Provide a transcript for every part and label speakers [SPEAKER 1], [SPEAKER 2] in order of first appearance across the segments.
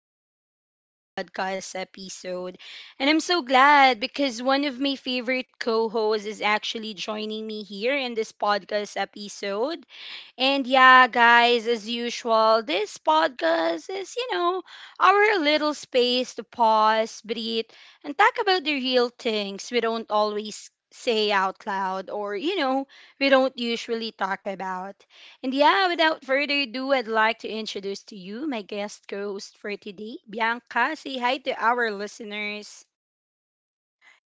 [SPEAKER 1] back to another podcast episode. And I'm so glad because one of my favorite co hosts is actually joining me here in this podcast episode. And yeah, guys, as usual, this podcast is, you know, our little space to pause, breathe, and talk about the real things we don't always say out loud or we don't usually talk about. And yeah, without further ado, I'd like to introduce to you my guest co-host for today, Bianca. Say hi to our listeners.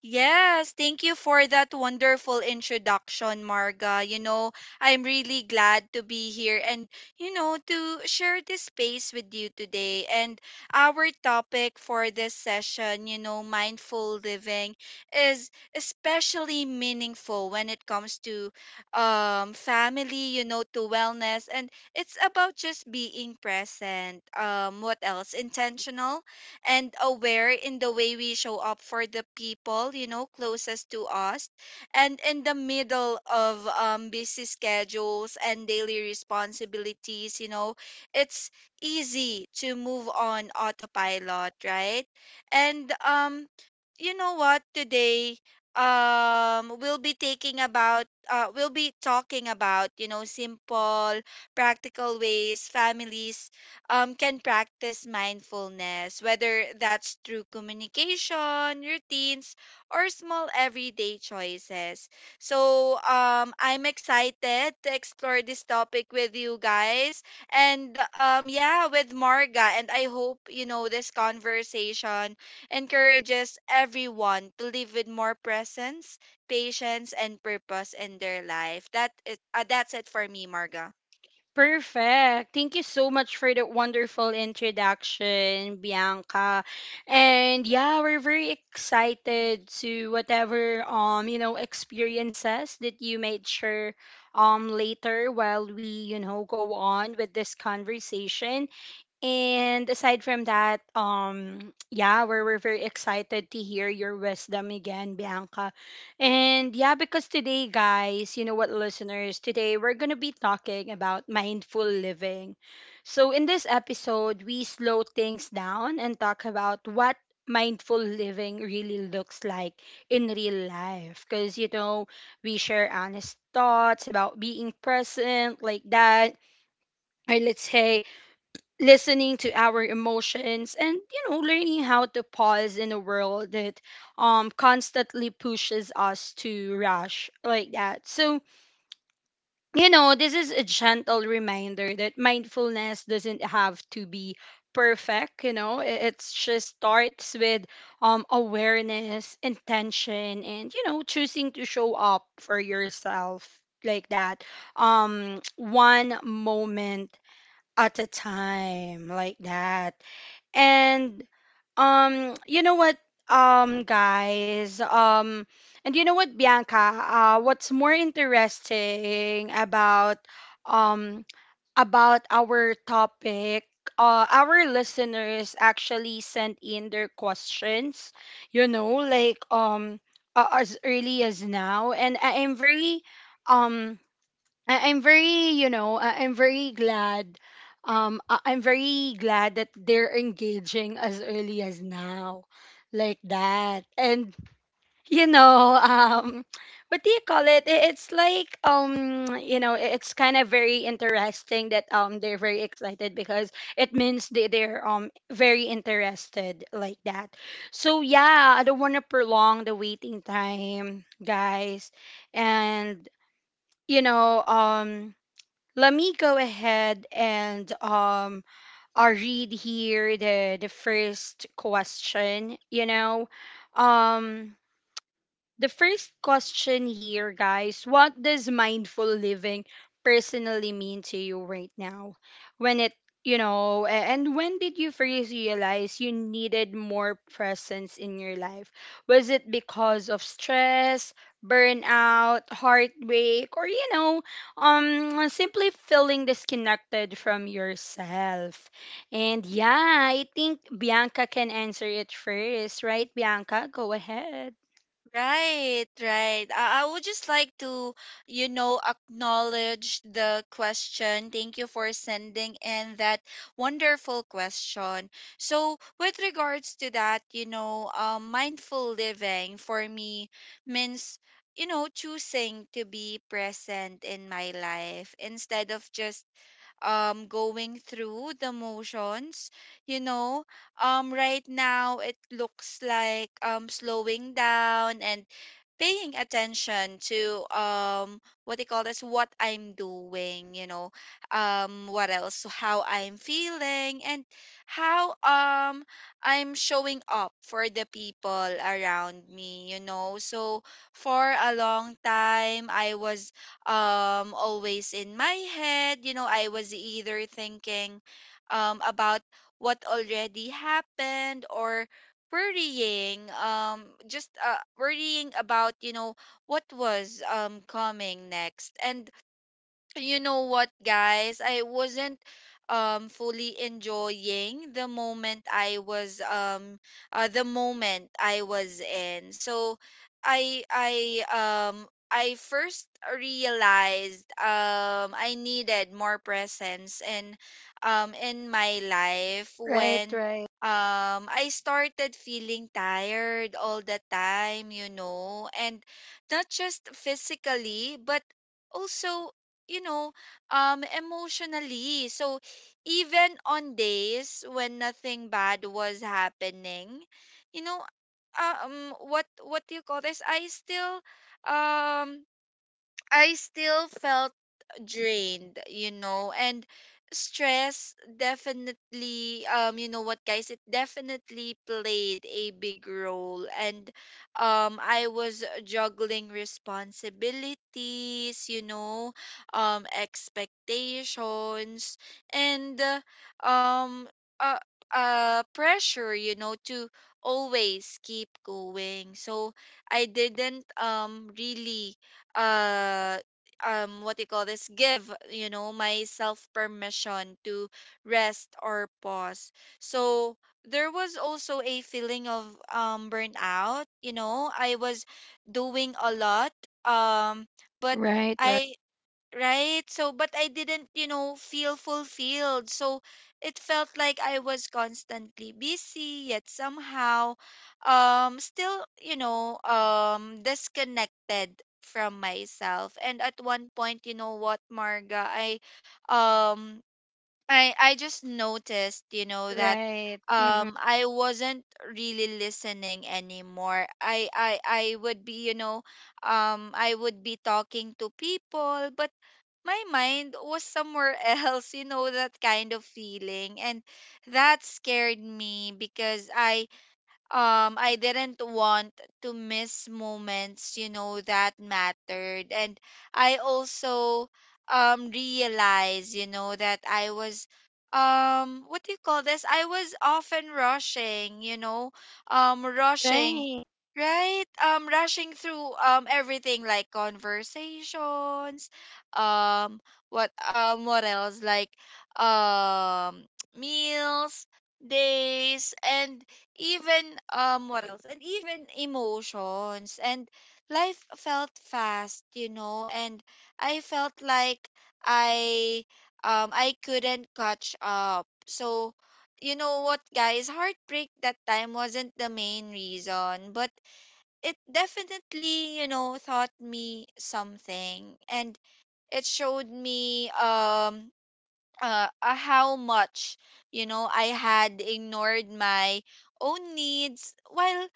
[SPEAKER 2] Yes, thank you for that wonderful introduction, Marga. I'm really glad to be here and to share this space with you today. And our topic for this session, mindful living, is especially meaningful when it comes to family, to wellness. And it's about just being present. What else? Intentional and aware in the way we show up for the people, closest to us. And in the middle of busy schedules and daily responsibilities, it's easy to move on autopilot, right? And you know what? Today, we'll be talking about, simple, practical ways families can practice mindfulness, whether that's through communication, routines, or small everyday choices. So I'm excited to explore this topic with you guys and yeah, with Marga. And I hope, this conversation encourages everyone to live with more presence, patience, and purpose in their life. That's it for me, Marga.
[SPEAKER 1] Perfect. Thank you so much for that wonderful introduction, Bianca. And yeah, we're very excited to whatever you know experiences that you made sure later while we you know go on with this conversation. And aside from that, yeah, we're very excited to hear your wisdom again, Bianca. And yeah, because today, guys, you know what, listeners, today we're going to be talking about mindful living. So, in this episode, we slow things down and talk about what mindful living really looks like in real life. Because, you know, we share honest thoughts about being present like that or let's say listening to our emotions and you know learning how to pause in a world that constantly pushes us to rush like that. So you know this is a gentle reminder that mindfulness doesn't have to be perfect. You know, it's just starts with awareness, intention, and you know choosing to show up for yourself like that, one moment at a time like that. And you know what, guys, and you know what Bianca, what's more interesting um about our topic, our listeners actually sent in their questions, you know, as early as now, and I am very um I'm very, you know, I'm very glad. I'm very glad that they're engaging as early as now, like that. And you know, what do you call it? It's like, you know, it's kind of very interesting that they're very excited because it means they're very interested like that. So yeah, I don't want to prolong the waiting time, guys, and you know, let me go ahead and I read here the first question, you know. Um the first question here, guys, what does mindful living personally mean to you right now? When it, you know, a- and when did you first realize you needed more presence in your life? Was it because of stress, burnout, heartbreak, or, you know, simply feeling disconnected from yourself? And yeah, I think Bianca can answer it first, right? Bianca, go ahead.
[SPEAKER 2] Right, right. I would just like to, acknowledge the question. Thank you for sending in that wonderful question. So, with regards to that, mindful living for me means, choosing to be present in my life instead of just going through the motions. you know right now it looks like slowing down and paying attention to what they call this what I'm doing, how I'm feeling and how I'm showing up for the people around me, you know. So for a long time I was always in my head. I was either thinking about what already happened or worrying just worrying about what was coming next. And you know what guys I wasn't fully enjoying the moment I was the moment I was in. So i i I first realized I needed more presence and in my life
[SPEAKER 1] Right,
[SPEAKER 2] when
[SPEAKER 1] right.
[SPEAKER 2] I started feeling tired all the time, and not just physically but also, you know, emotionally. So even on days when nothing bad was happening, you know, what do you call this? Um I still felt drained, and stress definitely you know what guys it definitely played a big role. And I was juggling responsibilities, expectations and um uh, pressure, to always keep going. So I didn't really uh what do you call this give, myself permission to rest or pause. So there was also a feeling of burnout. I was doing a lot, um but
[SPEAKER 1] Right, right,
[SPEAKER 2] I right? So, but I didn't, feel fulfilled. So, it felt like I was constantly busy, yet somehow, still, disconnected from myself. And at one point, Marga, um, I just noticed, that
[SPEAKER 1] right. Mm-hmm.
[SPEAKER 2] I wasn't really listening anymore. I would be, I would be talking to people, but my mind was somewhere else, you know, that kind of feeling. And that scared me because I didn't want to miss moments, that mattered. And I also realized, that I was what do you call this? I was often rushing, rushing,
[SPEAKER 1] Right.
[SPEAKER 2] right? Rushing through everything, like conversations, um what else like um meals, days, and even emotions. And life felt fast, and I felt like i I couldn't catch up. So, you know what guys heartbreak that time wasn't the main reason, but it definitely, taught me something. And it showed me how much, I had ignored my own needs while,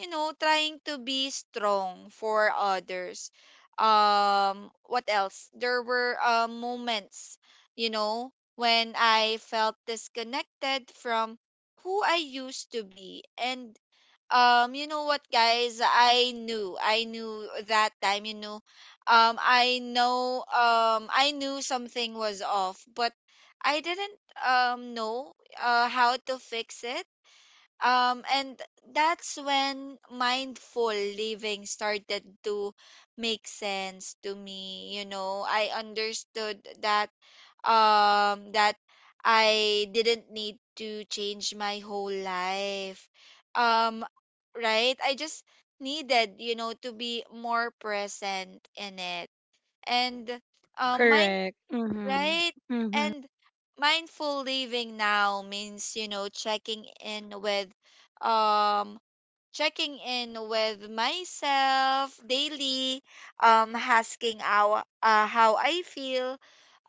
[SPEAKER 2] trying to be strong for others. What else? There were moments, you know, when I felt disconnected from who I used to be, and you know what guys I knew I knew that time. I knew something was off but I didn't know how to fix it, and that's when mindful living started to make sense to me. I understood that um that I didn't need to change my whole life. Um right? I just needed, to be more present in it. And mind
[SPEAKER 1] Correct. Mm-hmm.
[SPEAKER 2] Right?
[SPEAKER 1] Mm-hmm.
[SPEAKER 2] And mindful living now means, um checking in with myself daily, asking how I feel,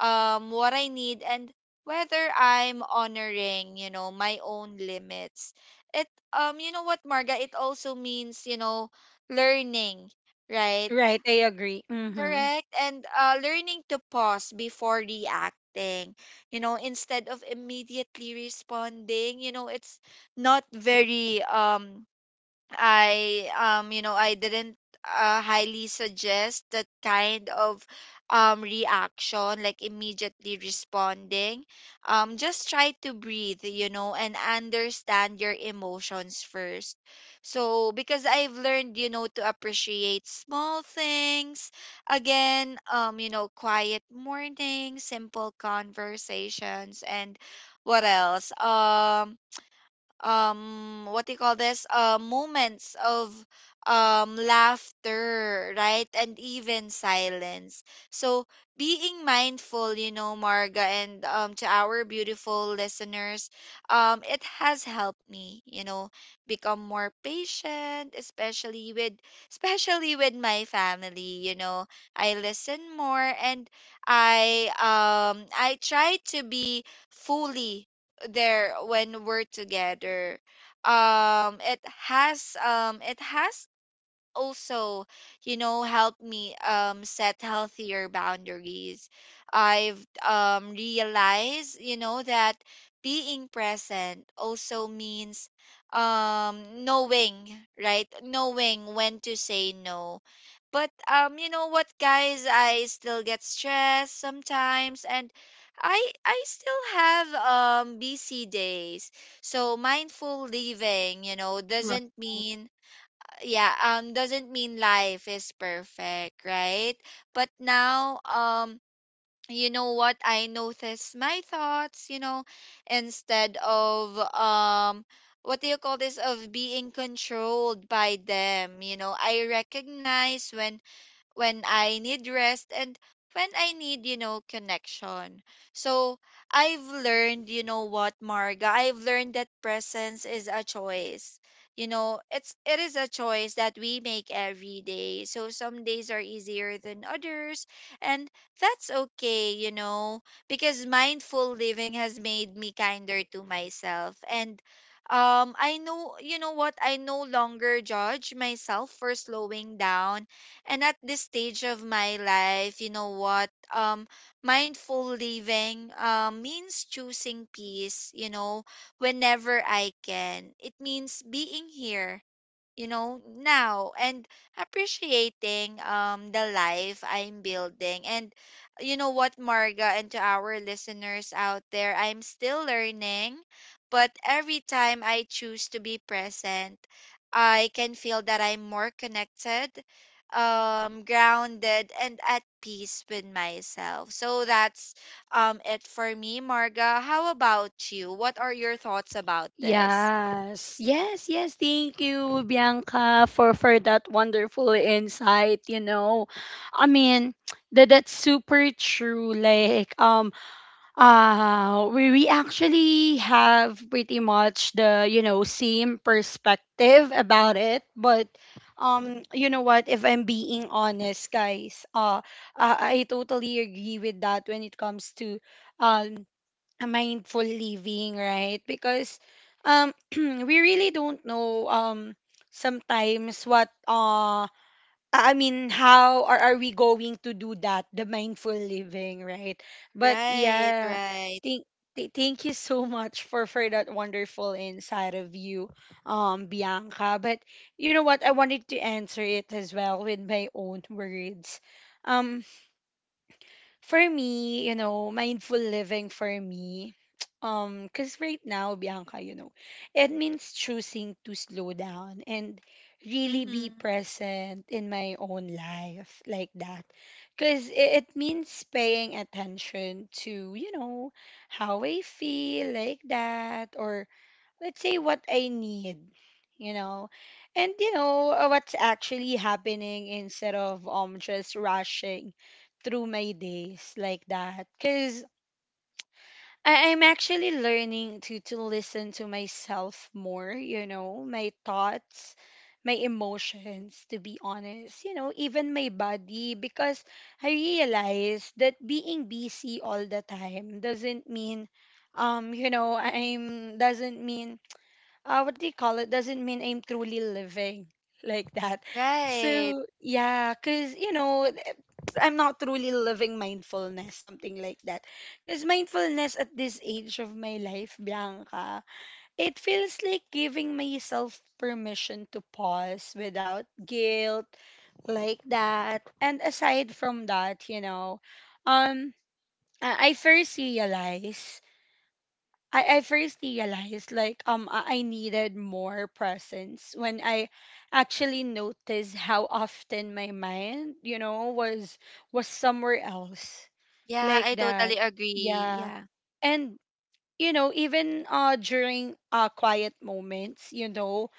[SPEAKER 2] what I need, and whether I'm honoring, my own limits. It, Marga, it also means, learning, right?
[SPEAKER 1] Right, I agree. Mm-hmm.
[SPEAKER 2] Correct. And learning to pause before reacting, instead of immediately responding. It's not very I you know, I didn't highly suggest that kind of reaction, like immediately responding. Just try to breathe, and understand your emotions first. So, because I've learned, to appreciate small things again, quiet mornings, simple conversations, and what else what do you call this moments of laughter, right? And even silence. So being mindful, Marga, and to our beautiful listeners, it has helped me, become more patient, especially with especially with my family. I listen more and I try to be fully there when we're together. It has also, helped me set healthier boundaries. I've realized, that being present also means knowing, right? Knowing when to say no. But, I still get stressed sometimes and I I still have busy days. So mindful living, doesn't mean yeah doesn't mean life is perfect, right? But now, you know what I notice my thoughts, instead of what do you call this of being controlled by them. I recognize when I need rest, and when I need, connection. So I've learned, Marga, I've learned that presence is a choice. It is a choice that we make every day. So some days are easier than others, and that's okay, because mindful living has made me kinder to myself. And I know, you know what I no longer judge myself for slowing down. And at this stage of my life, you know what? Mindful living means choosing peace, whenever I can. It means being here, now, and appreciating the life I'm building. And you know what Marga, and to our listeners out there, I'm still learning, but every time I choose to be present, I can feel that I'm more connected, grounded, and at peace with myself. So that's it for me, Marga. How about you? What are your thoughts about this?
[SPEAKER 1] Yes, yes, yes. Thank you, Bianca, for that wonderful insight. You know, I mean, that's super true. Like, we actually have pretty much the, you know, same perspective about it. But, you know what, if I'm being honest, guys, I totally agree with that when it comes to um, mindful living, right? Because we really don't know, sometimes what, I mean, how are we going to do that? The mindful living, right? But
[SPEAKER 2] right
[SPEAKER 1] yeah,
[SPEAKER 2] right
[SPEAKER 1] thank thank you so much for that wonderful insight of you, Bianca. But you know what? I wanted to answer it as well with my own words. Um, for me, you know, mindful living for me, because right now, Bianca, you know, it means choosing to slow down and really be present in my own life like that. Because it means paying attention to, you know, how I feel like that or let's say what I need, you know, and you know, what's actually happening instead of just rushing through my days like that. Cause I'm actually learning to listen to myself more, you know, my thoughts, my emotions, to be honest, you know, even my body, because I realize that being busy all the time doesn't mean you know I'm doesn't mean what do you call it doesn't mean I'm truly living like that.
[SPEAKER 2] Right.
[SPEAKER 1] So yeah, cause I'm not truly living mindfulness, something like that. Cause mindfulness at this age of my life, Bianca, it feels like giving myself permission to pause without guilt, like that. And aside from that, you know, um, I I first realized I first realized like, I needed more presence when I actually noticed how often my mind, you know, was somewhere else
[SPEAKER 2] Yeah,
[SPEAKER 1] like
[SPEAKER 2] I
[SPEAKER 1] that.
[SPEAKER 2] totally agree.
[SPEAKER 1] Yeah.
[SPEAKER 2] Yeah.
[SPEAKER 1] And you know, even during quiet moments, you know,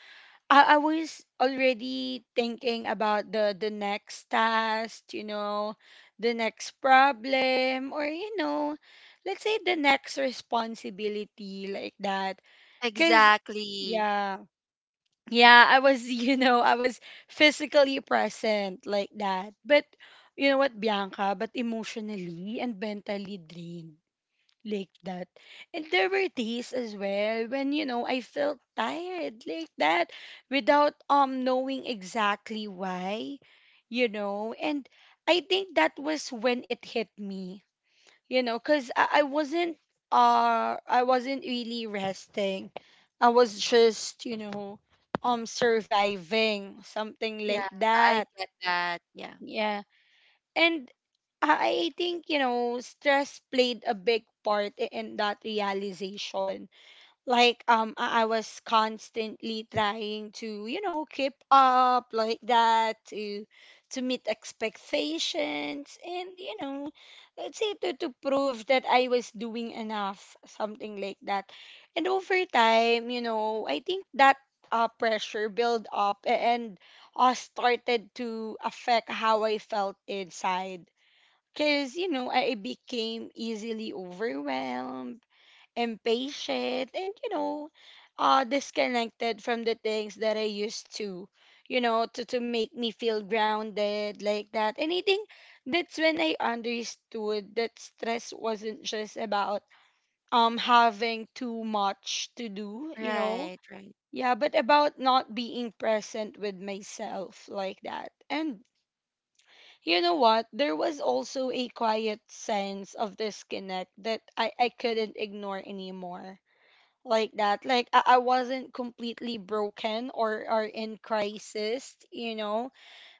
[SPEAKER 1] I was already thinking about the next task, you know, the next problem or you know, let's say the next responsibility like that because
[SPEAKER 2] Exactly.
[SPEAKER 1] yeah. Yeah, I was, you know, I was physically present like that. But you know what, Bianca, but emotionally and mentally drained like that. And there were days as well when, you know, I felt tired like that without knowing exactly why, you know. And I think that was when it hit me, you know, because I wasn't really resting. I was just, you know, surviving something like
[SPEAKER 2] Yeah, I
[SPEAKER 1] that.
[SPEAKER 2] get that. Yeah.
[SPEAKER 1] Yeah. And I think, you know, stress played a big part in that realization, like, I was constantly trying to, you know, keep up like that, to meet expectations, and you know let's say to prove that I was doing enough, something like that. And over time, you know, I think that pressure build up, and started to affect how I felt inside, because you know I became easily overwhelmed, impatient, and you know disconnected from the things that I used to, you know, to make me feel grounded like that. And I think that's when I understood that stress wasn't just about having too much to do, you know,
[SPEAKER 2] Right, right,
[SPEAKER 1] yeah, but about not being present with myself like that. And you know what, there was also a quiet sense of disconnect that I couldn't ignore anymore like that. Like I wasn't completely broken or in crisis, you know.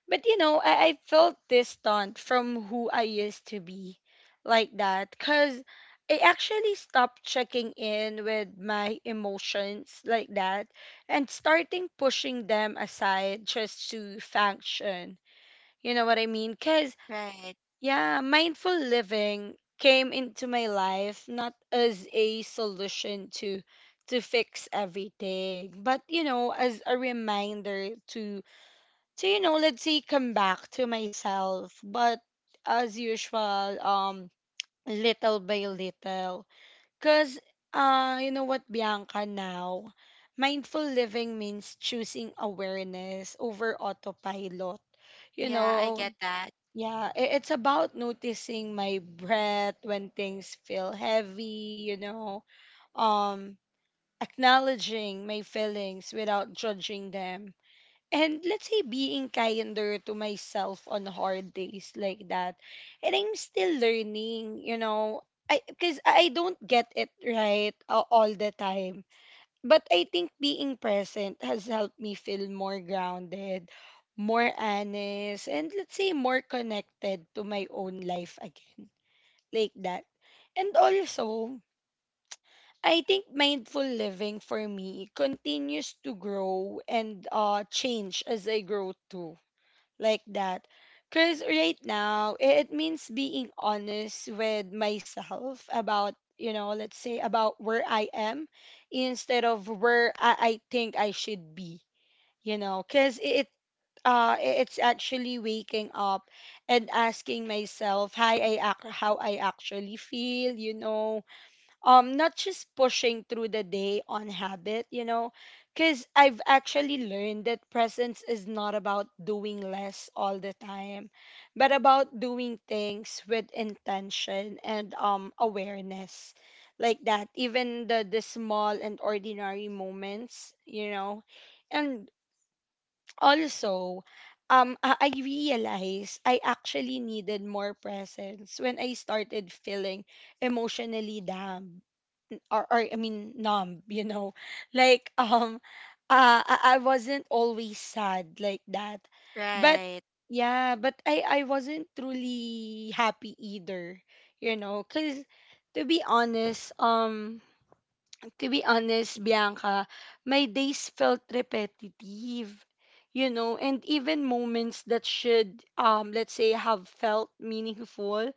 [SPEAKER 1] But you know, I felt distant from who I used to be, like that, cause I actually stopped checking in with my emotions like that and starting pushing them aside just to function. You know what I mean? Cause
[SPEAKER 2] right.
[SPEAKER 1] yeah, mindful living came into my life not as a solution to fix everything, but you know, as a reminder to you know, let's say come back to myself, but as usual, little by little. Cause you know what, Bianca, now, mindful living means choosing awareness over autopilot. You
[SPEAKER 2] Yeah, I
[SPEAKER 1] know,
[SPEAKER 2] get that.
[SPEAKER 1] yeah, it's about noticing my breath when things feel heavy, you know, um, acknowledging my feelings without judging them. And let's say being kinder to myself on hard days like that. And I'm still learning, you know, I because I don't get it right all the time, but I think being present has helped me feel more grounded, more honest, and let's say more connected to my own life again. Like that. And also, I think mindful living for me continues to grow and change as I grow too like that. Because right now, it means being honest with myself about, you know, let's say about where I am instead of where I think I should be, you know, because it, it's actually waking up and asking myself how how I actually feel, you know, not just pushing through the day on habit, you know, because I've actually learned that presence is not about doing less all the time but about doing things with intention and awareness like that, even the small and ordinary moments, you know. And also, I realized I actually needed more presence when I started feeling emotionally down, or I mean numb, you know. Like I wasn't always sad like that. But
[SPEAKER 2] Right.
[SPEAKER 1] yeah, but I wasn't truly happy either, you know, cuz to be honest, um to be honest, Bianca, my days felt repetitive. You know, and even moments that should, let's say, have felt meaningful,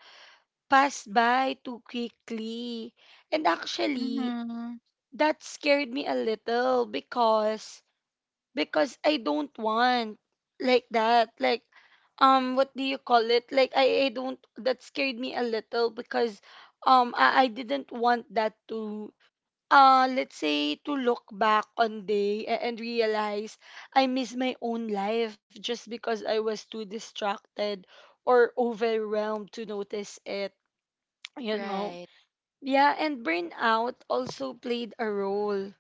[SPEAKER 1] passed by too quickly. And actually,
[SPEAKER 2] Mm-hmm.
[SPEAKER 1] that scared me a little because I don't want, like that, like, what do you call it, like, I don't. That scared me a little because I didn't want that to, let's say, to look back on day and realize I miss my own life just because I was too distracted or overwhelmed to notice it you know
[SPEAKER 2] Right.
[SPEAKER 1] yeah, and burnout also played a role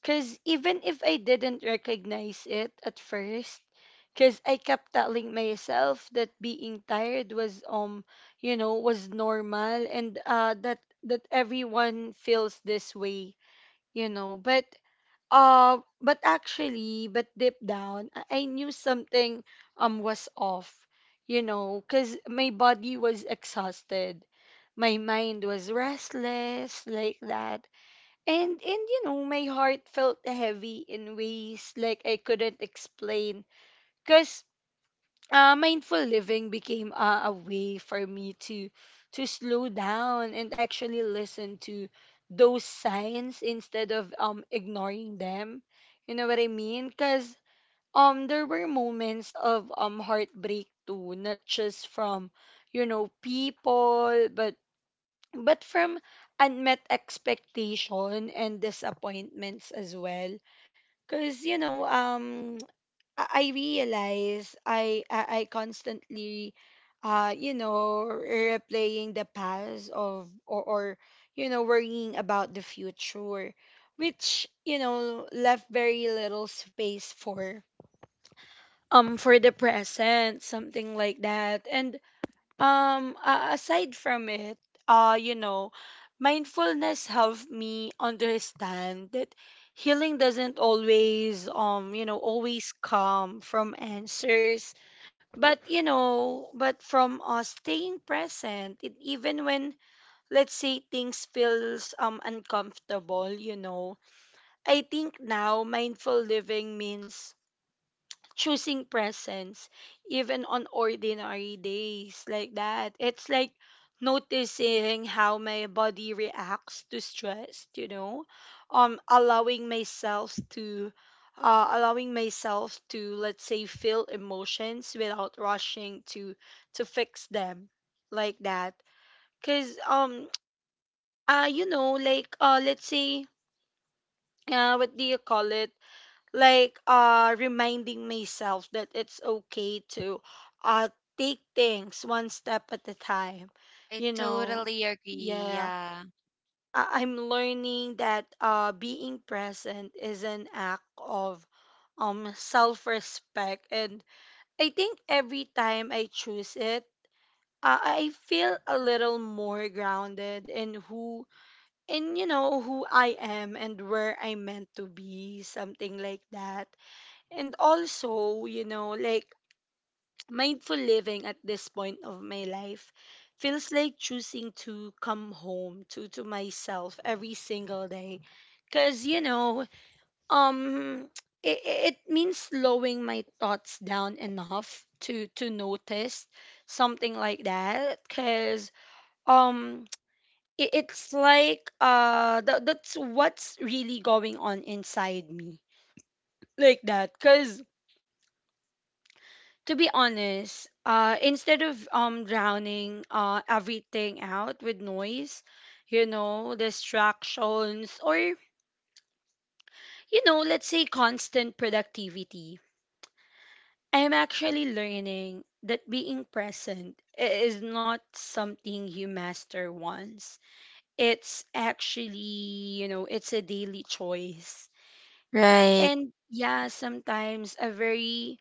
[SPEAKER 1] because even if I didn't recognize it at first, because I kept telling myself that being tired was you know was normal, and that everyone feels this way, you know, but actually but deep down I knew something was off, you know, because my body was exhausted, my mind was restless, like that. And you know, my heart felt heavy in ways like I couldn't explain. Cuz, mindful living became, a way for me to slow down and actually listen to those signs instead of ignoring them. You know what I mean? Cuz there were moments of heartbreak too, not just from, you know, people, but from unmet expectation and disappointments as well. Because I realize I constantly, you know, replaying the past, of, or, or worrying about the future, which, you know, left very little space for the present, something like that. And, aside from it, you know, mindfulness helped me understand that healing doesn't always, always come from answers, but, you know, but from, staying present, it, even when, let's say, things feels uncomfortable, you know. I think now mindful living means choosing presence even on ordinary days, like that. It's like noticing how my body reacts to stress, you know. Allowing myself to, let's say, feel emotions without rushing to fix them, like that. Because let's say, what do you call it like reminding myself that it's okay to, uh take things one step at a time,
[SPEAKER 2] I
[SPEAKER 1] you know.
[SPEAKER 2] totally agree.
[SPEAKER 1] Yeah,
[SPEAKER 2] Yeah.
[SPEAKER 1] I'm learning that, being present is an act of self-respect. And I think every time I choose it, I feel a little more grounded in who, in, you know, who I am and where I'm meant to be, something like that. And also, you know, like, mindful living at this point of my life feels like choosing to come home to myself every single day. Cause, you know, um it means slowing my thoughts down enough to notice, something like that. Cause um it, it's like, that, that's what's really going on inside me. Like that. Cause, to be honest, instead of drowning everything out with noise, you know, distractions, or, you know, let's say, constant productivity, I'm actually learning that being present is not something you master once. It's actually, you know, it's a daily choice.
[SPEAKER 2] Right.
[SPEAKER 1] And yeah, sometimes a very,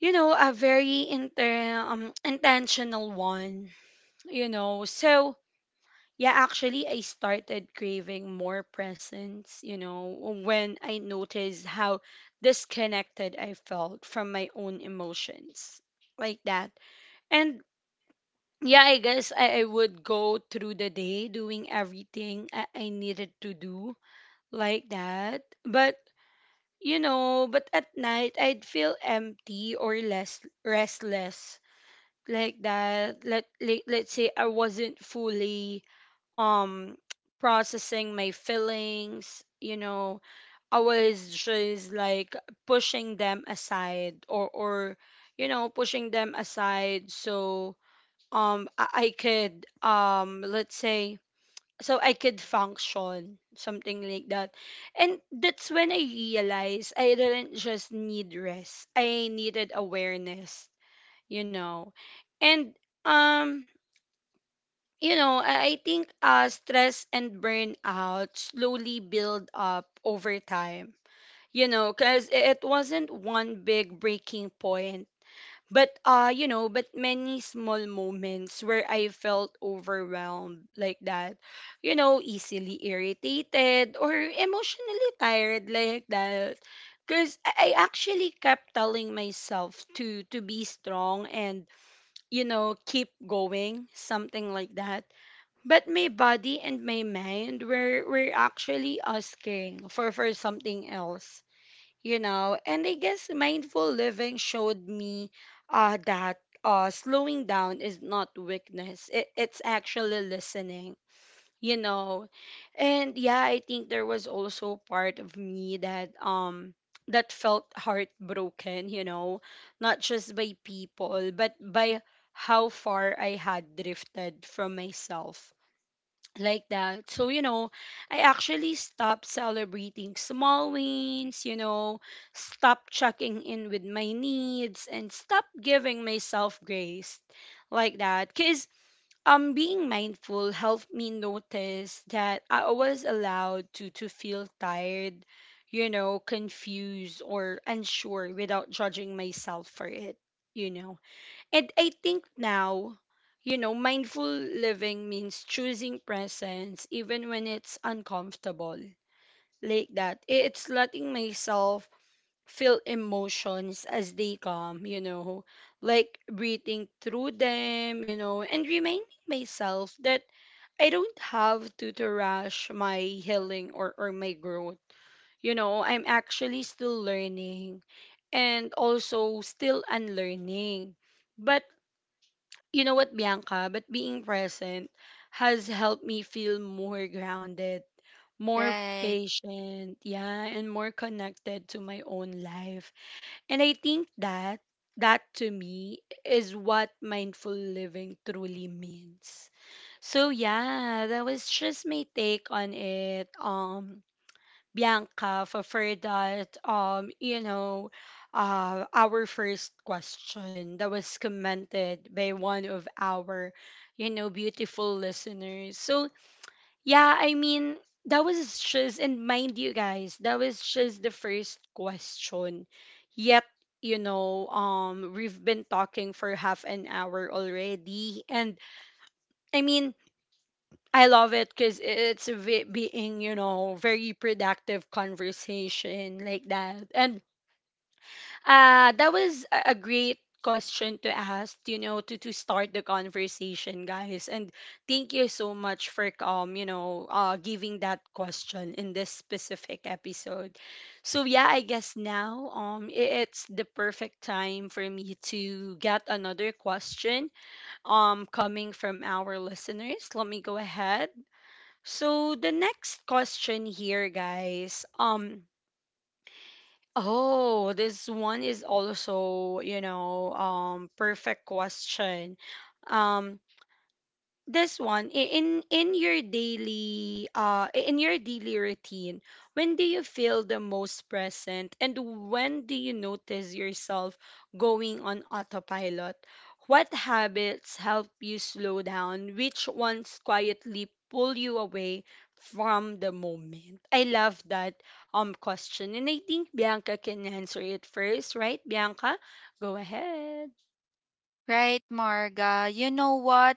[SPEAKER 1] you know, a very intentional one, you know. So yeah, actually, I started craving more presence, you know, when I noticed how disconnected I felt from my own emotions, like that. And yeah, I guess I would go through the day doing everything I needed to do, like that. But, you know, but at night I'd feel empty or less restless, like that. Let's say I wasn't fully um processing my feelings, you know. I was just like pushing them aside, or, or pushing them aside so I could let's say, so I could function, something like that. And that's when I realized I didn't just need rest, I needed awareness, you know. And, um, you know, I think, stress and burnout slowly build up over time. You know, cuz it wasn't one big breaking point, but, you know, but many small moments where I felt overwhelmed, like that. You know, easily irritated or emotionally tired, like that. Cuz I actually kept telling myself to be strong and, you know, keep going, something like that. But my body and my mind were actually asking for something else, you know. And I guess mindful living showed me, that, slowing down is not weakness. It, it's actually listening, you know. And yeah, I think there was also part of me that, that felt heartbroken, you know, not just by people, but by how far I had drifted from myself, like that. So, you know, I actually stopped celebrating small wins, you know, stopped checking in with my needs, and stopped giving myself grace, like that. Cause being mindful helped me notice that I was allowed to feel tired, you know, confused or unsure without judging myself for it, you know. And I think now, you know, mindful living means choosing presence even when it's uncomfortable. Like that. It's letting myself feel emotions as they come, you know, like breathing through them, you know, and reminding myself that I don't have to, rush my healing, or my growth. You know, I'm actually still learning and also still unlearning. But, you know what, Bianca, but being present has helped me feel more grounded, more
[SPEAKER 2] Right.
[SPEAKER 1] patient, yeah, and more connected to my own life. And I think that, to me, is what mindful living truly means. So yeah, that was just my take on it. Bianca, for that our first question that was commented by one of our, you know, beautiful listeners. So yeah, I mean, that was just, and mind you guys, that was just the first question. Yet, you know, we've been talking for half an hour already. And I mean, I love it because it's a being, you know, very productive conversation, like that. And, that was a great question to ask, you know, to start the conversation, guys. And thank you so much for, giving that question in this specific episode. So yeah, I guess now, it's the perfect time for me to get another question coming from our listeners. Let me go ahead. So the next question here, guys. Oh, this one is also, you know, perfect question. Um, this one, in your daily, in your daily routine, when do you feel the most present, and when do you notice yourself going on autopilot? What habits help you slow down? Which ones quietly pull you away from the moment? I love that question, and I think Bianca can answer it first, right, Bianca? Go ahead.
[SPEAKER 2] Right, Marga. You know what?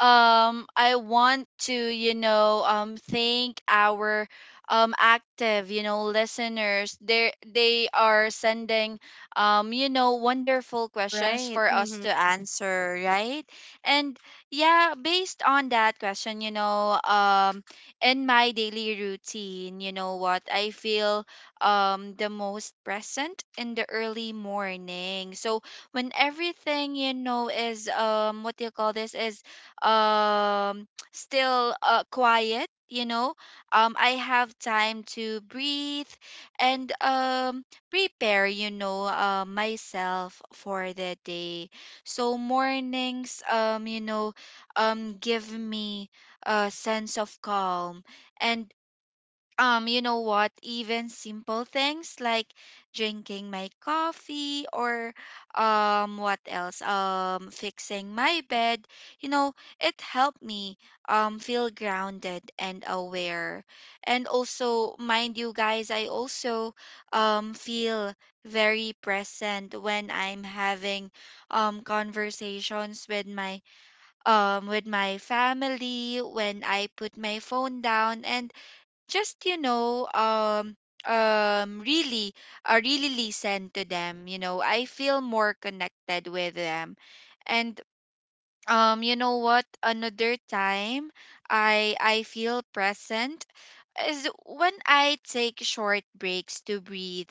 [SPEAKER 2] I want to, thank our active, listeners. They are sending, wonderful questions
[SPEAKER 1] Right.
[SPEAKER 2] for us
[SPEAKER 1] Mm-hmm.
[SPEAKER 2] to answer, right? And yeah, based on that question, in my daily routine, you know what? I feel the most present in the early morning. So when everything you know is what do you call this is um still quiet, you know, I have time to breathe and prepare, you know, myself for the day. So mornings, give me a sense of calm. And you know what, even simple things like drinking my coffee or what else fixing my bed, you know, it helped me feel grounded and aware. And also, mind you guys, I also feel very present when I'm having conversations with my family, when I put my phone down and just really really listen to them, you know, I feel more connected with them. And you know what, another time I feel present is when I take short breaks to breathe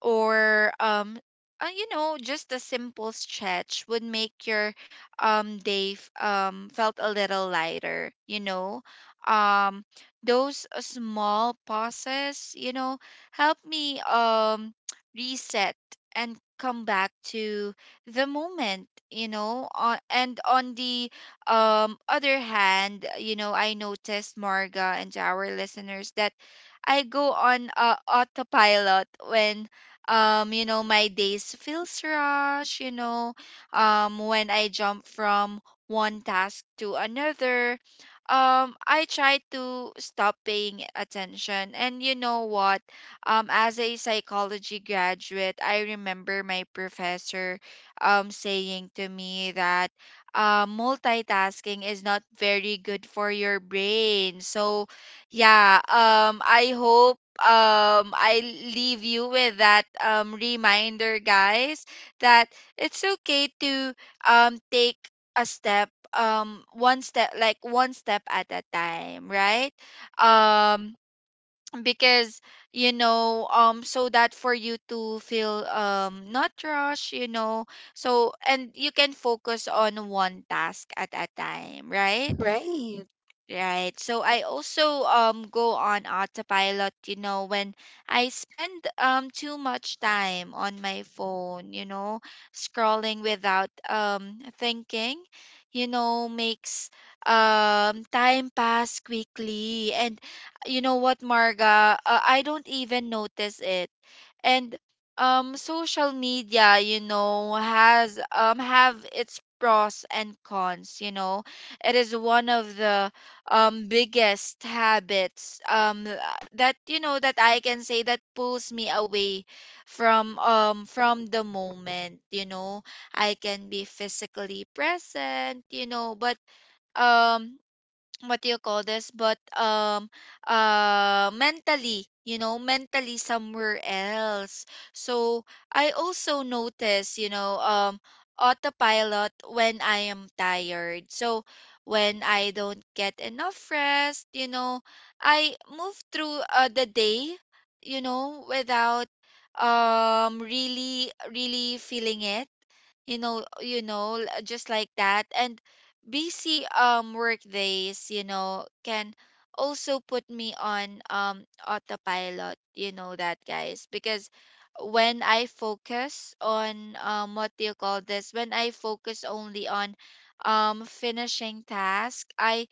[SPEAKER 2] or you know, just a simple stretch would make your felt a little lighter, you know. um those small pauses, you know, help me reset and come back to the moment, you know. And on the other hand, you know, I noticed, Marga, and to our listeners, that I go on autopilot when you know, my days feels rush, you know. When I jump from one task to another, I try to stop paying attention. And you know what, as a psychology graduate, I remember my professor saying to me that multitasking is not very good for your brain. So yeah, I hope I leave you with that reminder, guys, that it's okay to take a step, one step at a time, right? Um because you know so that for you to feel not rush, you know, so and you can focus on one task at a time, right?
[SPEAKER 1] Right.
[SPEAKER 2] Right. So I also go on autopilot, you know, when I spend too much time on my phone, you know, scrolling without thinking, you know, makes time pass quickly. And you know what, Marga, I don't even notice it. And social media, you know, has have its pros and cons, you know. It is one of the biggest habits that you know, that I can say, that pulls me away from the moment, you know. I can be physically present, you know, but um what do you call this but mentally, you know, mentally somewhere else. So I also notice, you know, autopilot when I am tired. So when I don't get enough rest, you know, I move through the day, you know, without really really feeling it, you know. Just like that. And busy work days, you know, can also put me on autopilot, you know that, guys, because when I focus on what do you call this when I focus only on finishing task, i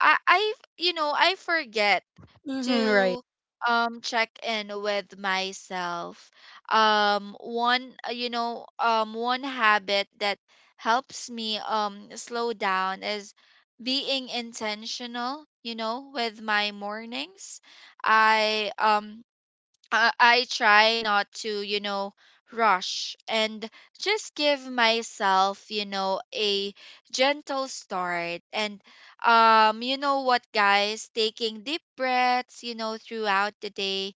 [SPEAKER 2] i i you know, I forget
[SPEAKER 1] Mm-hmm.
[SPEAKER 2] to check in with myself. One you know One habit that helps me slow down is being intentional, you know, with my mornings. I I try not to, you know, rush and just give myself, you know, a gentle start. And you know what, guys, taking deep breaths, you know, throughout the day.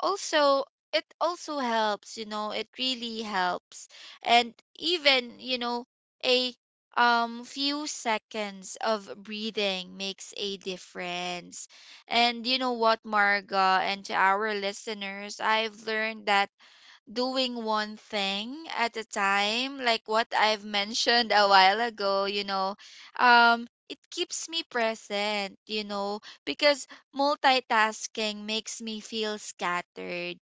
[SPEAKER 2] Also, it also helps, you know, it really helps. And even, you know, a few seconds of breathing makes a difference. And you know what, Marga, and to our listeners, I've learned that doing one thing at a time, like what I've mentioned a while ago, you know, it keeps me present, you know, because multitasking makes me feel scattered.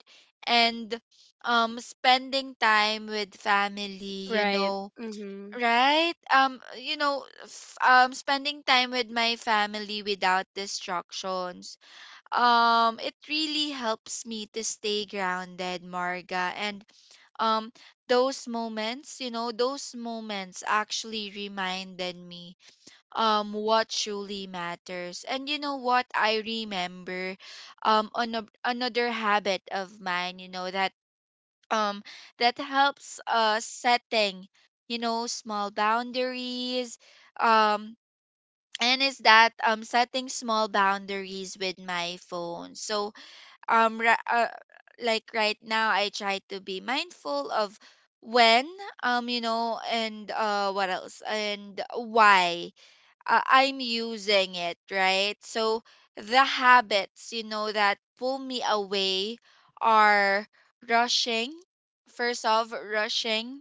[SPEAKER 2] And spending time with family, you
[SPEAKER 1] Right.
[SPEAKER 2] know,
[SPEAKER 1] Mm-hmm.
[SPEAKER 2] right? Spending time with my family without distractions, it really helps me to stay grounded, Marga. And um those moments, you know, those moments actually reminded me what truly matters. And you know what, I remember another habit of mine, you know, that um that helps, uh, setting, you know, small boundaries, um and is that, setting small boundaries with my phone. So um ra- uh, like right now, I try to be mindful of when you know, and what else and why I'm using it, right? So the habits, you know, that pull me away are rushing, first off rushing,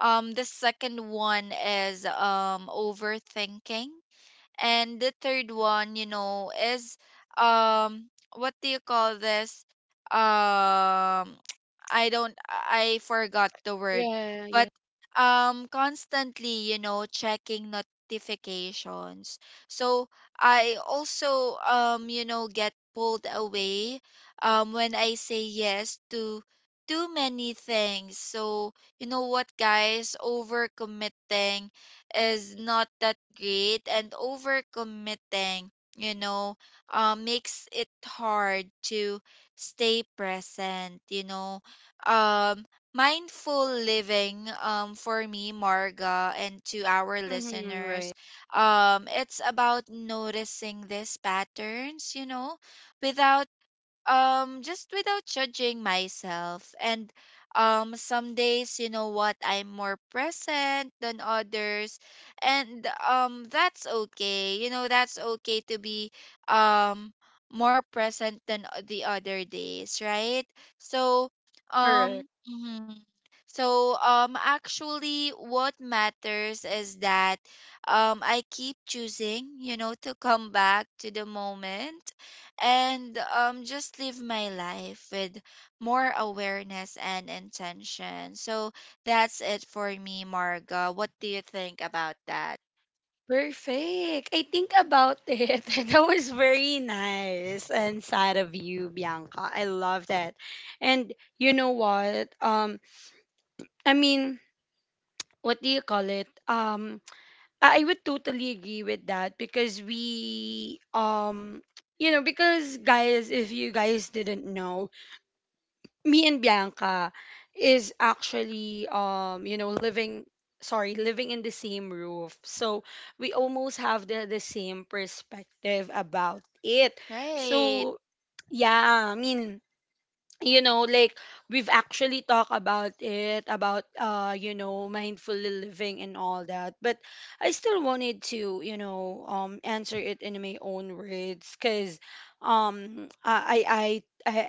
[SPEAKER 2] the second one is overthinking, and the third one, you know, is um what do you call this? Um I don't I forgot the word.
[SPEAKER 1] Yeah, yeah.
[SPEAKER 2] But constantly, you know, checking notifications. So I also you know, get pulled away when I say yes to too many things. So you know what, guys, overcommitting is not that great, and overcommitting, you know, makes it hard to stay present, you know. Um, Mindful living, for me, Marga, and to our
[SPEAKER 1] Mm-hmm.
[SPEAKER 2] listeners,
[SPEAKER 1] Right.
[SPEAKER 2] it's about noticing these patterns, you know, without just without judging myself. And some days, you know what, I'm more present than others, and that's okay, you know, that's okay to be um more present than the other days, right? So
[SPEAKER 1] Correct.
[SPEAKER 2] mhm. So actually, what matters is that I keep choosing, you know, to come back to the moment, and just live my life with more awareness and intention. So that's it for me, Marga. What do you think about that?
[SPEAKER 1] Perfect. I think about it. That was very nice and sad of you, Bianca. I love that. And you know what? I mean, what do you call it? I would totally agree with that because we, you know, because guys, if you guys didn't know, me and Bianca is actually you know, living, sorry, living in the same roof. So we almost have the same perspective about it.
[SPEAKER 2] Right,
[SPEAKER 1] So yeah, I mean, you know, like, we've actually talked about it, about, you know, mindful living and all that. But I still wanted to, you know, answer it in my own words because um i i i i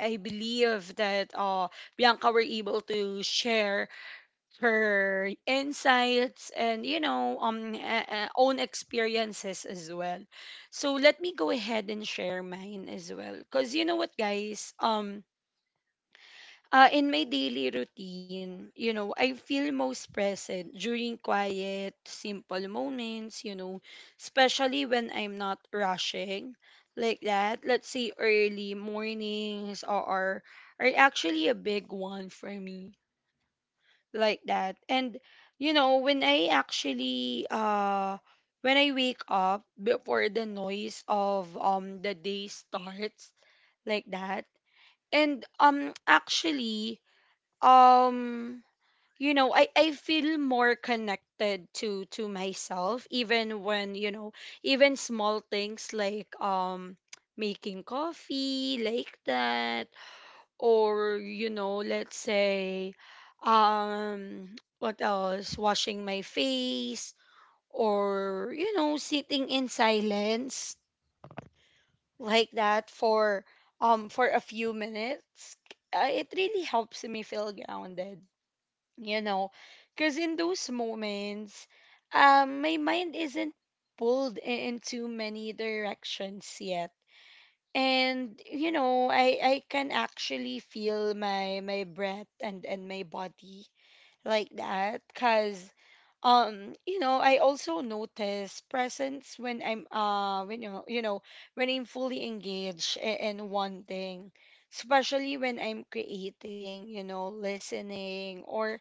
[SPEAKER 1] I believe that, Bianca were able to share her insights, and, you know, own experiences as well. So let me go ahead and share mine as well. Because you know what, guys, in my daily routine, you know, I feel most present during quiet, simple moments, you know, especially when I'm not rushing, like that. Let's say early mornings, or are actually a big one for me, like that. And, you know, when I actually, when I wake up before the noise of the day starts, like that. And actually, um you know, I feel more connected to myself even when, you know, even small things like, making coffee, like that, or, you know, let's say, um what else, washing my face, or, you know, sitting in silence, like that for, for a few minutes, it really helps me feel grounded, you know. Because in those moments, my mind isn't pulled into many directions yet, and you know, I can actually feel my breath and my body, like that. Because you know, I also notice presence when I'm, you know, when I'm fully engaged in one thing, especially when I'm creating, you know, listening, or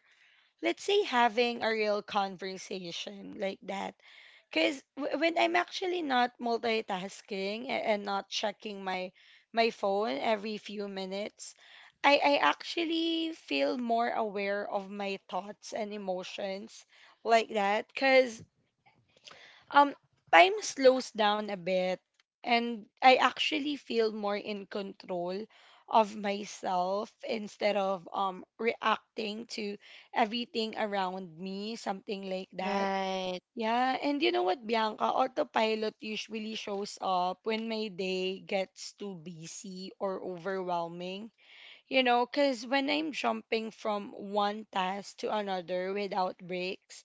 [SPEAKER 1] let's say having a real conversation, like that. Because when I'm actually not multitasking, and not checking my phone every few minutes, I actually feel more aware of my thoughts and emotions, like that. Because um, time slows down a bit, and I actually feel more in control of myself instead of reacting to everything around me, something like that.
[SPEAKER 2] right,
[SPEAKER 1] Yeah, and you know what, Bianca? Autopilot usually shows up when my day gets too busy or overwhelming. Because when I'm jumping from one task to another without breaks,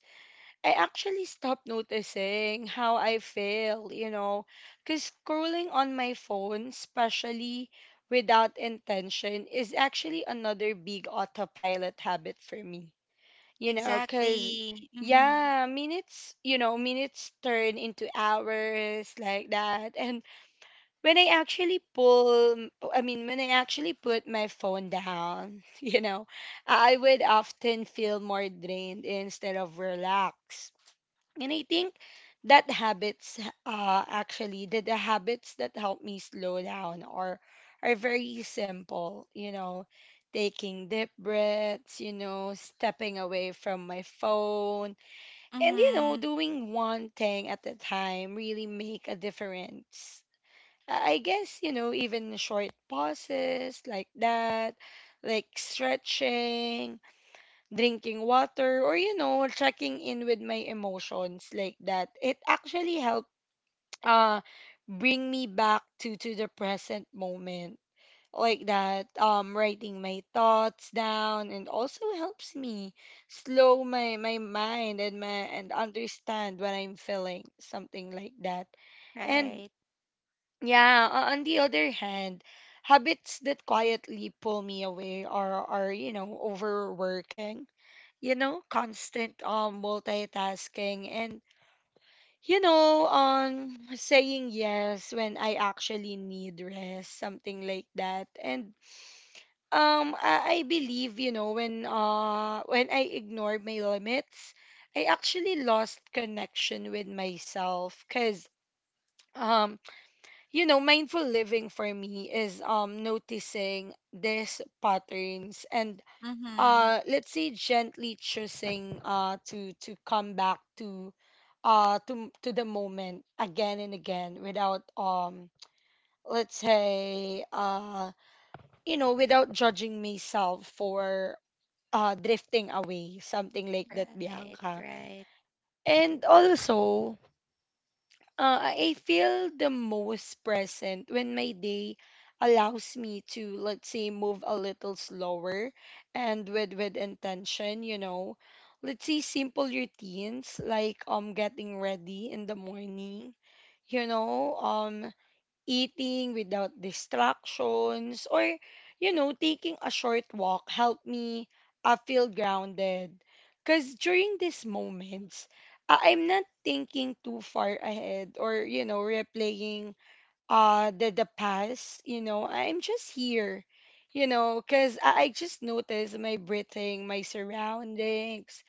[SPEAKER 1] I actually stopped noticing how I feel, because scrolling on my phone, especially without intention, is actually another big autopilot habit for me, because
[SPEAKER 2] exactly. Mm-hmm.
[SPEAKER 1] yeah, minutes, minutes turn into hours like that. And when I actually I mean, when I actually put my phone down, I would often feel more drained instead of relaxed. And I think that habits, actually, the habits that help me slow down are very simple. You know, taking deep breaths. You know, stepping away from my phone, and
[SPEAKER 2] Mm-hmm.
[SPEAKER 1] doing one thing at a time really make a difference. I guess, even short pauses like that, like stretching, drinking water, or checking in with my emotions like that, it actually helped uh bring me back to the present moment like that. Writing my thoughts down and also helps me slow my mind, and understand what I'm feeling, something like that. And
[SPEAKER 2] Right.
[SPEAKER 1] yeah, on the other hand, habits that quietly pull me away are overworking, constant multitasking, and saying yes when I actually need rest, something like that. And I believe, when I ignored my limits, I actually lost connection with myself, cuz um mindful living for me is noticing these patterns, and
[SPEAKER 2] Mm-hmm.
[SPEAKER 1] let's say gently choosing to come back to the moment again and again without let's say without judging myself for drifting away, something like that,
[SPEAKER 2] Right,
[SPEAKER 1] Bianca.
[SPEAKER 2] right.
[SPEAKER 1] And also, I feel the most present when my day allows me to, let's say, move a little slower and with intention, you know. Let's say simple routines like getting ready in the morning, you know, um eating without distractions, or taking a short walk, help me feel grounded, because during these moments I'm not thinking too far ahead or replaying the past. I'm just here, because I just notice my breathing, my surroundings,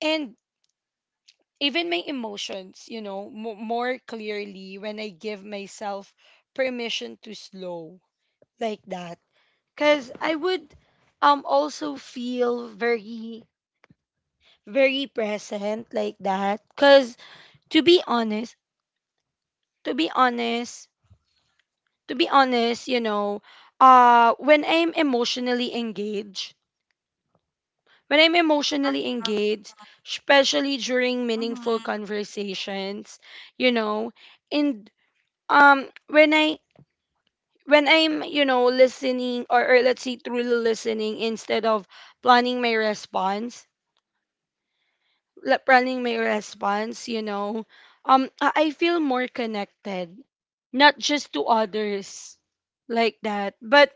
[SPEAKER 1] and even my emotions, mo more clearly when I give myself permission to slow, like that. Because I would also feel very very present like that because, to be honest, to be honest to be honest you know when I'm emotionally
[SPEAKER 2] Uh-huh.
[SPEAKER 1] engaged, especially during meaningful
[SPEAKER 2] Mm-hmm.
[SPEAKER 1] conversations, you know and um when I when I'm, listening, or let's say truly listening instead of planning my response, I feel more connected, not just to others like that, but,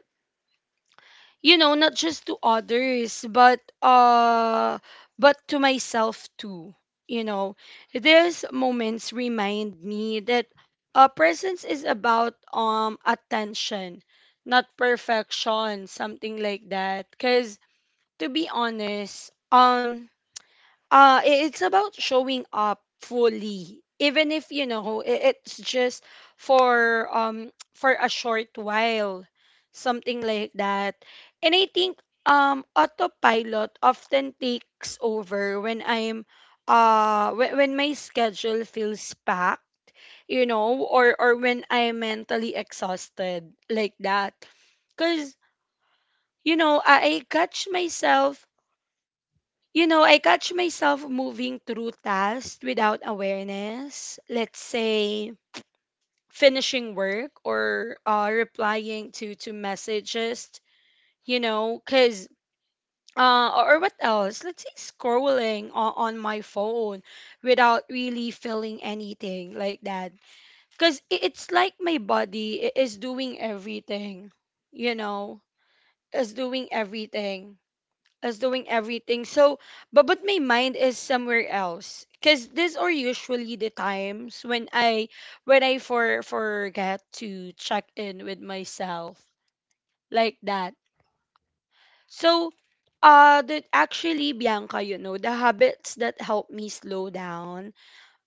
[SPEAKER 1] not just to others, but, but to myself too. You know, these moments remind me that presence is about attention, not perfection, something like that. Cause, to be honest, it's about showing up fully, even if it's just for for a short while, something like that. And I think autopilot often takes over when I'm when my schedule feels packed, or when I'm mentally exhausted, like that, because I catch myself, moving through tasks without awareness. Let's say finishing work, or replying to messages, you know, cuz or what else? Let's say scrolling on my phone without really feeling anything, like that. Because it's like my body is doing everything, you know, is doing everything as doing everything. So, but my mind is somewhere else. Cause these are usually the times when I forget to check in with myself, like that. So, that actually, Bianca, the habits that help me slow down,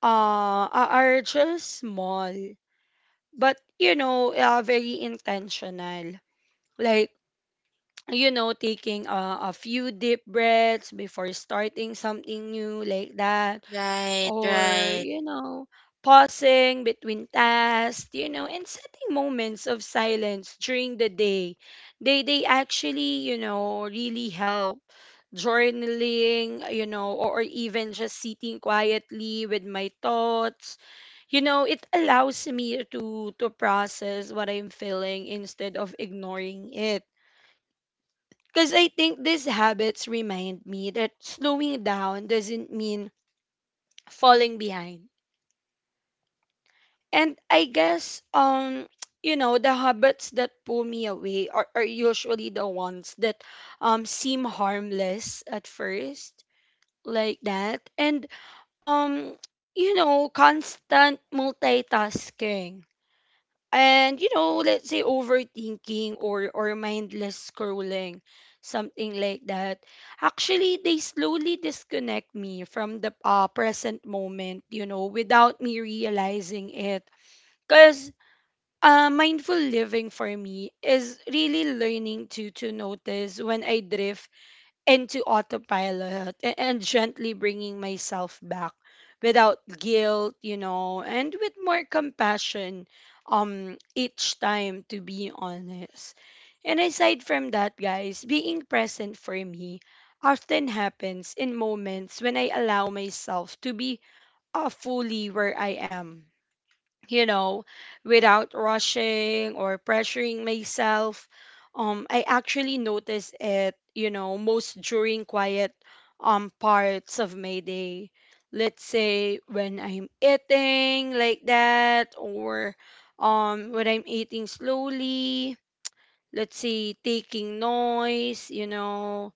[SPEAKER 1] are just small, but, very intentional. Like, taking a few deep breaths before starting something new, like that,
[SPEAKER 2] Right,
[SPEAKER 1] or,
[SPEAKER 2] right.
[SPEAKER 1] pausing between tasks, and setting moments of silence during the day. They actually, really help. Journaling, or even just sitting quietly with my thoughts. You know, it allows me to process what I'm feeling instead of ignoring it, because I think these habits remind me that slowing down doesn't mean falling behind. And I guess, the habits that pull me away are usually the ones that seem harmless at first, like that. And, um, constant multitasking, and let's say overthinking, or mindless scrolling, something like that, actually they slowly disconnect me from the, present moment, without me realizing it, because, mindful living for me is really learning to notice when I drift into autopilot, and gently bringing myself back, without guilt, and with more compassion each time, to be honest. And aside from that, guys, being present for me often happens in moments when I allow myself to be fully where I am, you know, without rushing or pressuring myself. I actually notice it, most during quiet parts of my day. Let's say when I'm eating, like that, or when I'm eating slowly. Let's say taking noise, you know,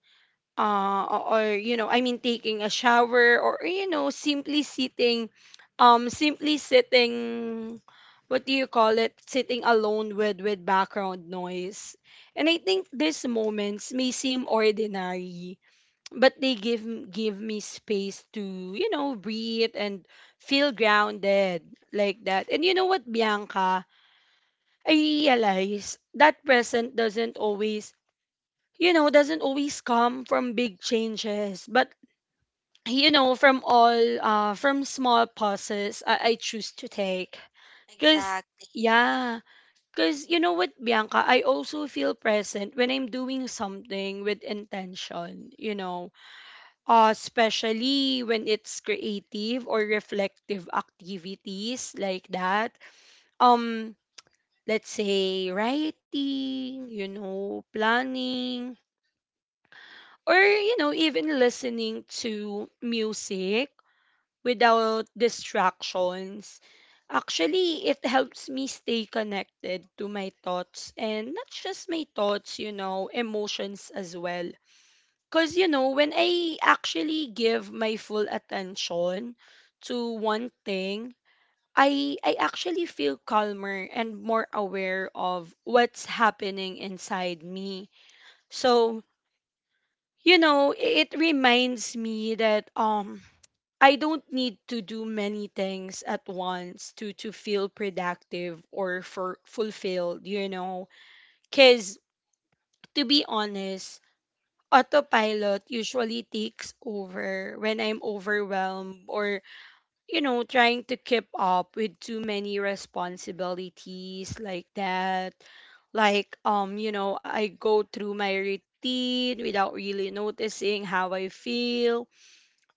[SPEAKER 1] uh, or, I mean, taking a shower, or, simply sitting, um simply sitting what do you call it, sitting alone with background noise. And I think these moments may seem ordinary, but they give me space to, breathe and feel grounded, like that. And you know what, Bianca, I realize that present doesn't always come from big changes, but, from small pauses, I choose to take. Cause
[SPEAKER 2] Exactly.
[SPEAKER 1] yeah, cause you know what, Bianca, I also feel present when I'm doing something with intention. Especially when it's creative or reflective activities, like that. Um, let's say writing. You know, planning, or, even listening to music without distractions. Actually, it helps me stay connected to my thoughts, and not just my thoughts, emotions as well. Because, when I actually give my full attention to one thing, I actually feel calmer and more aware of what's happening inside me. So, it reminds me that I don't need to do many things at once to feel productive or for fulfilled, you know. Cause, to be honest, autopilot usually takes over when I'm overwhelmed, or trying to keep up with too many responsibilities, like that. Like I go through my routine without really noticing how I feel,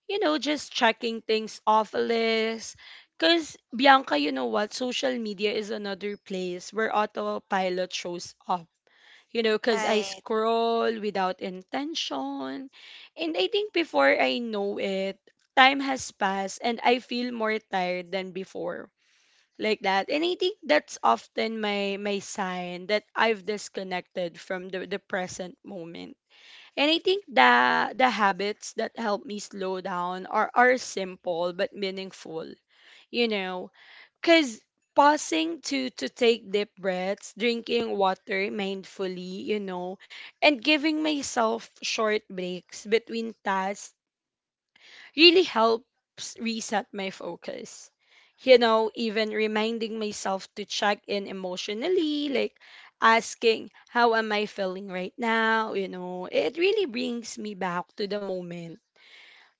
[SPEAKER 1] just checking things off a list. Because, Bianca, you know what? Social media is another place where autopilot shows up. You know, because I
[SPEAKER 2] Right.
[SPEAKER 1] scroll without intention. And I think before I know it, time has passed and I feel more tired than before. Like that. And I think that's often my, my sign that I've disconnected from the present moment. And I think the habits that help me slow down are simple but meaningful. You know, cuz pausing to take deep breaths, drinking water mindfully, and giving myself short breaks between tasks really helps reset my focus. You know, even reminding myself to check in emotionally, like asking, "How am I feeling right now?" It really brings me back to the moment.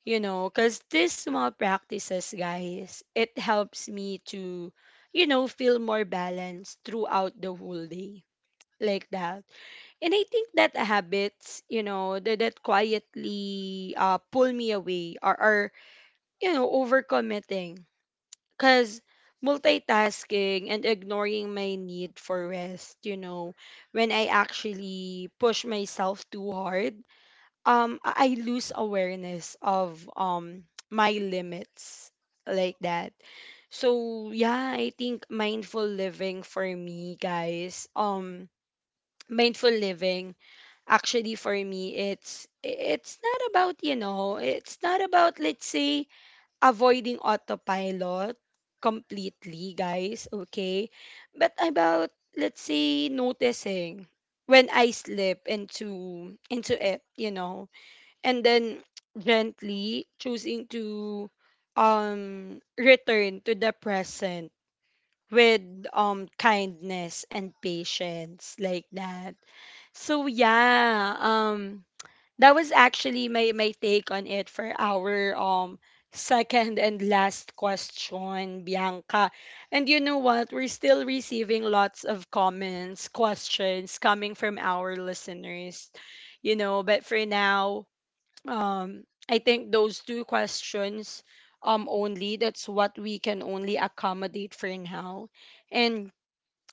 [SPEAKER 1] You know, because these small practices, guys, it helps me to, feel more balanced throughout the whole day, like that. And I think that habits, that, that quietly pull me away, or, overcommitting. Because multitasking and ignoring my need for rest, when I actually push myself too hard, I lose awareness of my limits, like that. So yeah, I think mindful living for me, guys. Mindful living actually for me, it's not about, it's not about, let's say, avoiding autopilot completely, guys, okay? But about, let's say, noticing when I slip into it, and then gently choosing to return to the present with kindness and patience, like that. So yeah, that was actually my, my take on it for our second and last question, Bianca. And you know what? We're still receiving lots of comments, questions coming from our listeners. You know, but for now, um I think those two questions only, that's what we can only accommodate for now. And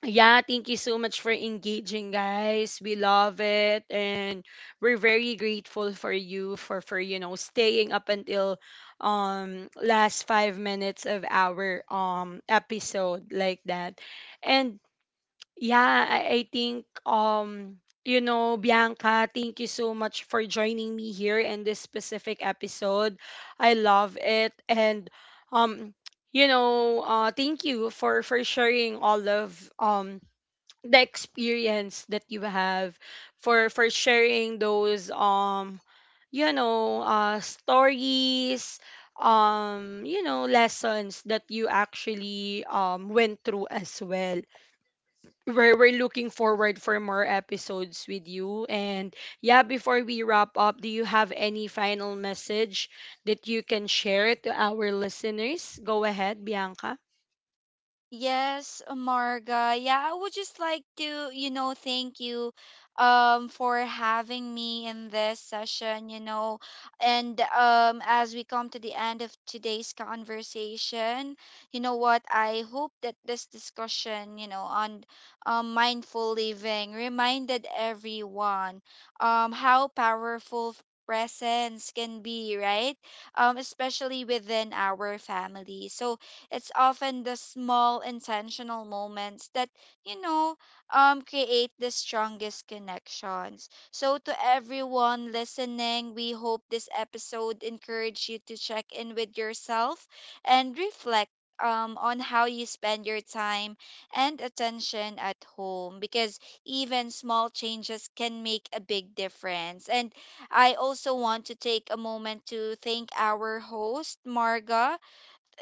[SPEAKER 1] yeah, thank you so much for engaging, guys. We love it, and we're very grateful for you for staying up until last 5 minutes of our episode like that. And yeah, I think you know Bianca, thank you so much for joining me here in this specific episode. I love it, and um thank you for sharing all of um the experience that you have for sharing those stories, lessons that you actually went through as well. We're looking forward for more episodes with you. And yeah, before we wrap up, do you have any final message that you can share to our listeners? Go ahead, Bianca.
[SPEAKER 2] Yes, Marga. Yeah, I would just like to, you know, thank you for having me in this session, you know. And as we come to the end of today's conversation, you know what? I hope that this discussion, you know, on mindful living reminded everyone how powerful presence can be, right? Especially within our family. So, it's often the small intentional moments that, you know, create the strongest connections. So, to everyone listening, we hope this episode encouraged you to check in with yourself and reflect on how you spend your time and attention at home, because even small changes can make a big difference. And I also want to take a moment to thank our host, Marga.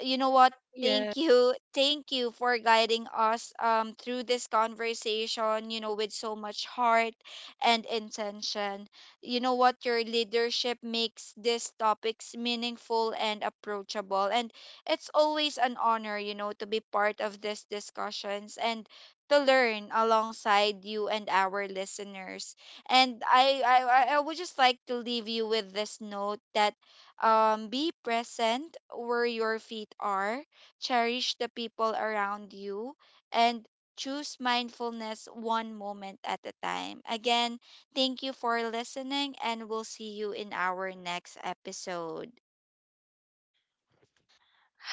[SPEAKER 2] You know what?
[SPEAKER 1] Yeah.
[SPEAKER 2] Thank you. Thank you for guiding us through this conversation, you know, with so much heart and intention. You know what? Your leadership makes these topics meaningful and approachable. And it's always an honor, you know, to be part of these discussions and to learn alongside you and our listeners. And I would just like to leave you with this note that be present where your feet are, cherish the people around you, and choose mindfulness one moment at a time. Again, thank you for listening, and we'll see you in our next episode.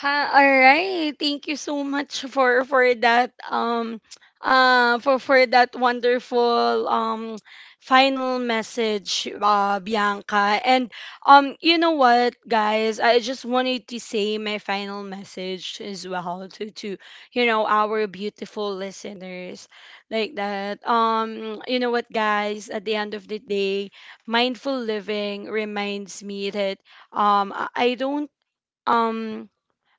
[SPEAKER 1] Ha, all right. Thank you so much for that for that wonderful final message, Bianca. And you know what guys, I just wanted to say my final message as well to our beautiful listeners like that. You know what guys, at the end of the day, mindful living reminds me that um I I don't um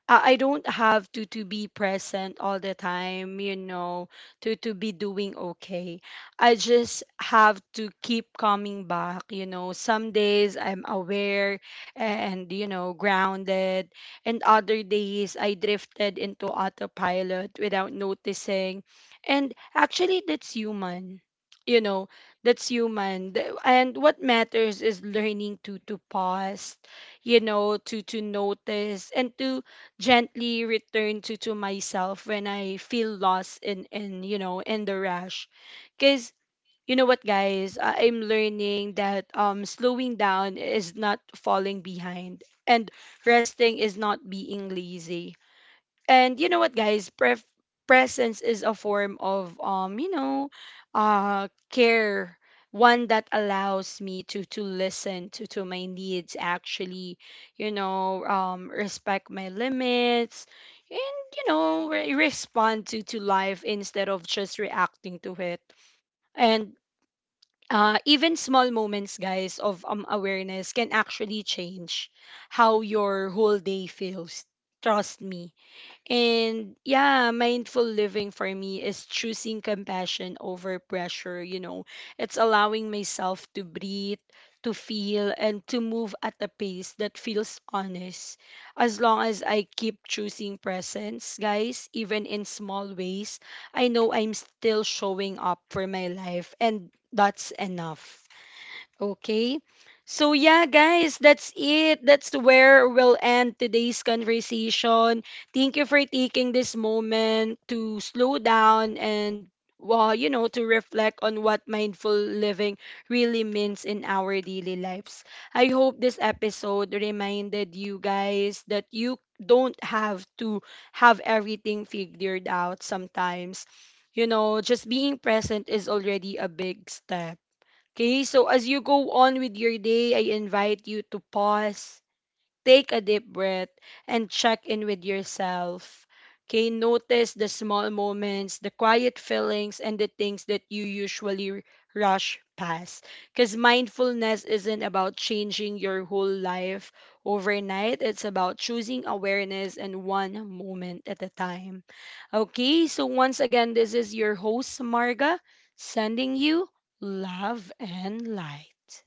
[SPEAKER 1] I don't have to be present all the time, you know, to be doing okay. I just have to keep coming back, you know. Some days I'm aware and you know grounded, and other days I drifted into autopilot without noticing. And actually that's human. You know, that's human. And what matters is learning to pause, you know, to notice and to gently return to myself when I feel lost in the rush. Cause you know what guys, I'm learning that slowing down is not falling behind, and resting is not being lazy. And you know what, guys? Presence is a form of care. One that allows me to listen to my needs, actually, you know, respect my limits, and you know, respond to life instead of just reacting to it. And even small moments, guys, of awareness can actually change how your whole day feels. Trust me. And yeah, mindful living for me is choosing compassion over pressure, you know. It's allowing myself to breathe, to feel, and to move at a pace that feels honest. As long as I keep choosing presence, guys, even in small ways, I know I'm still showing up for my life, and that's enough. Okay. So yeah, guys, that's it. That's where we'll end today's conversation. Thank you for taking this moment to slow down and, well, you know, to reflect on what mindful living really means in our daily lives. I hope this episode reminded you guys that you don't have to have everything figured out sometimes. You know, just being present is already a big step. Okay, so as you go on with your day, I invite you to pause, take a deep breath and check in with yourself. Okay, notice the small moments, the quiet feelings, and the things that you usually rush past. Because mindfulness isn't about changing your whole life overnight, it's about choosing awareness and one moment at a time. Okay, so once again, this is your host, Marga, sending you love and light.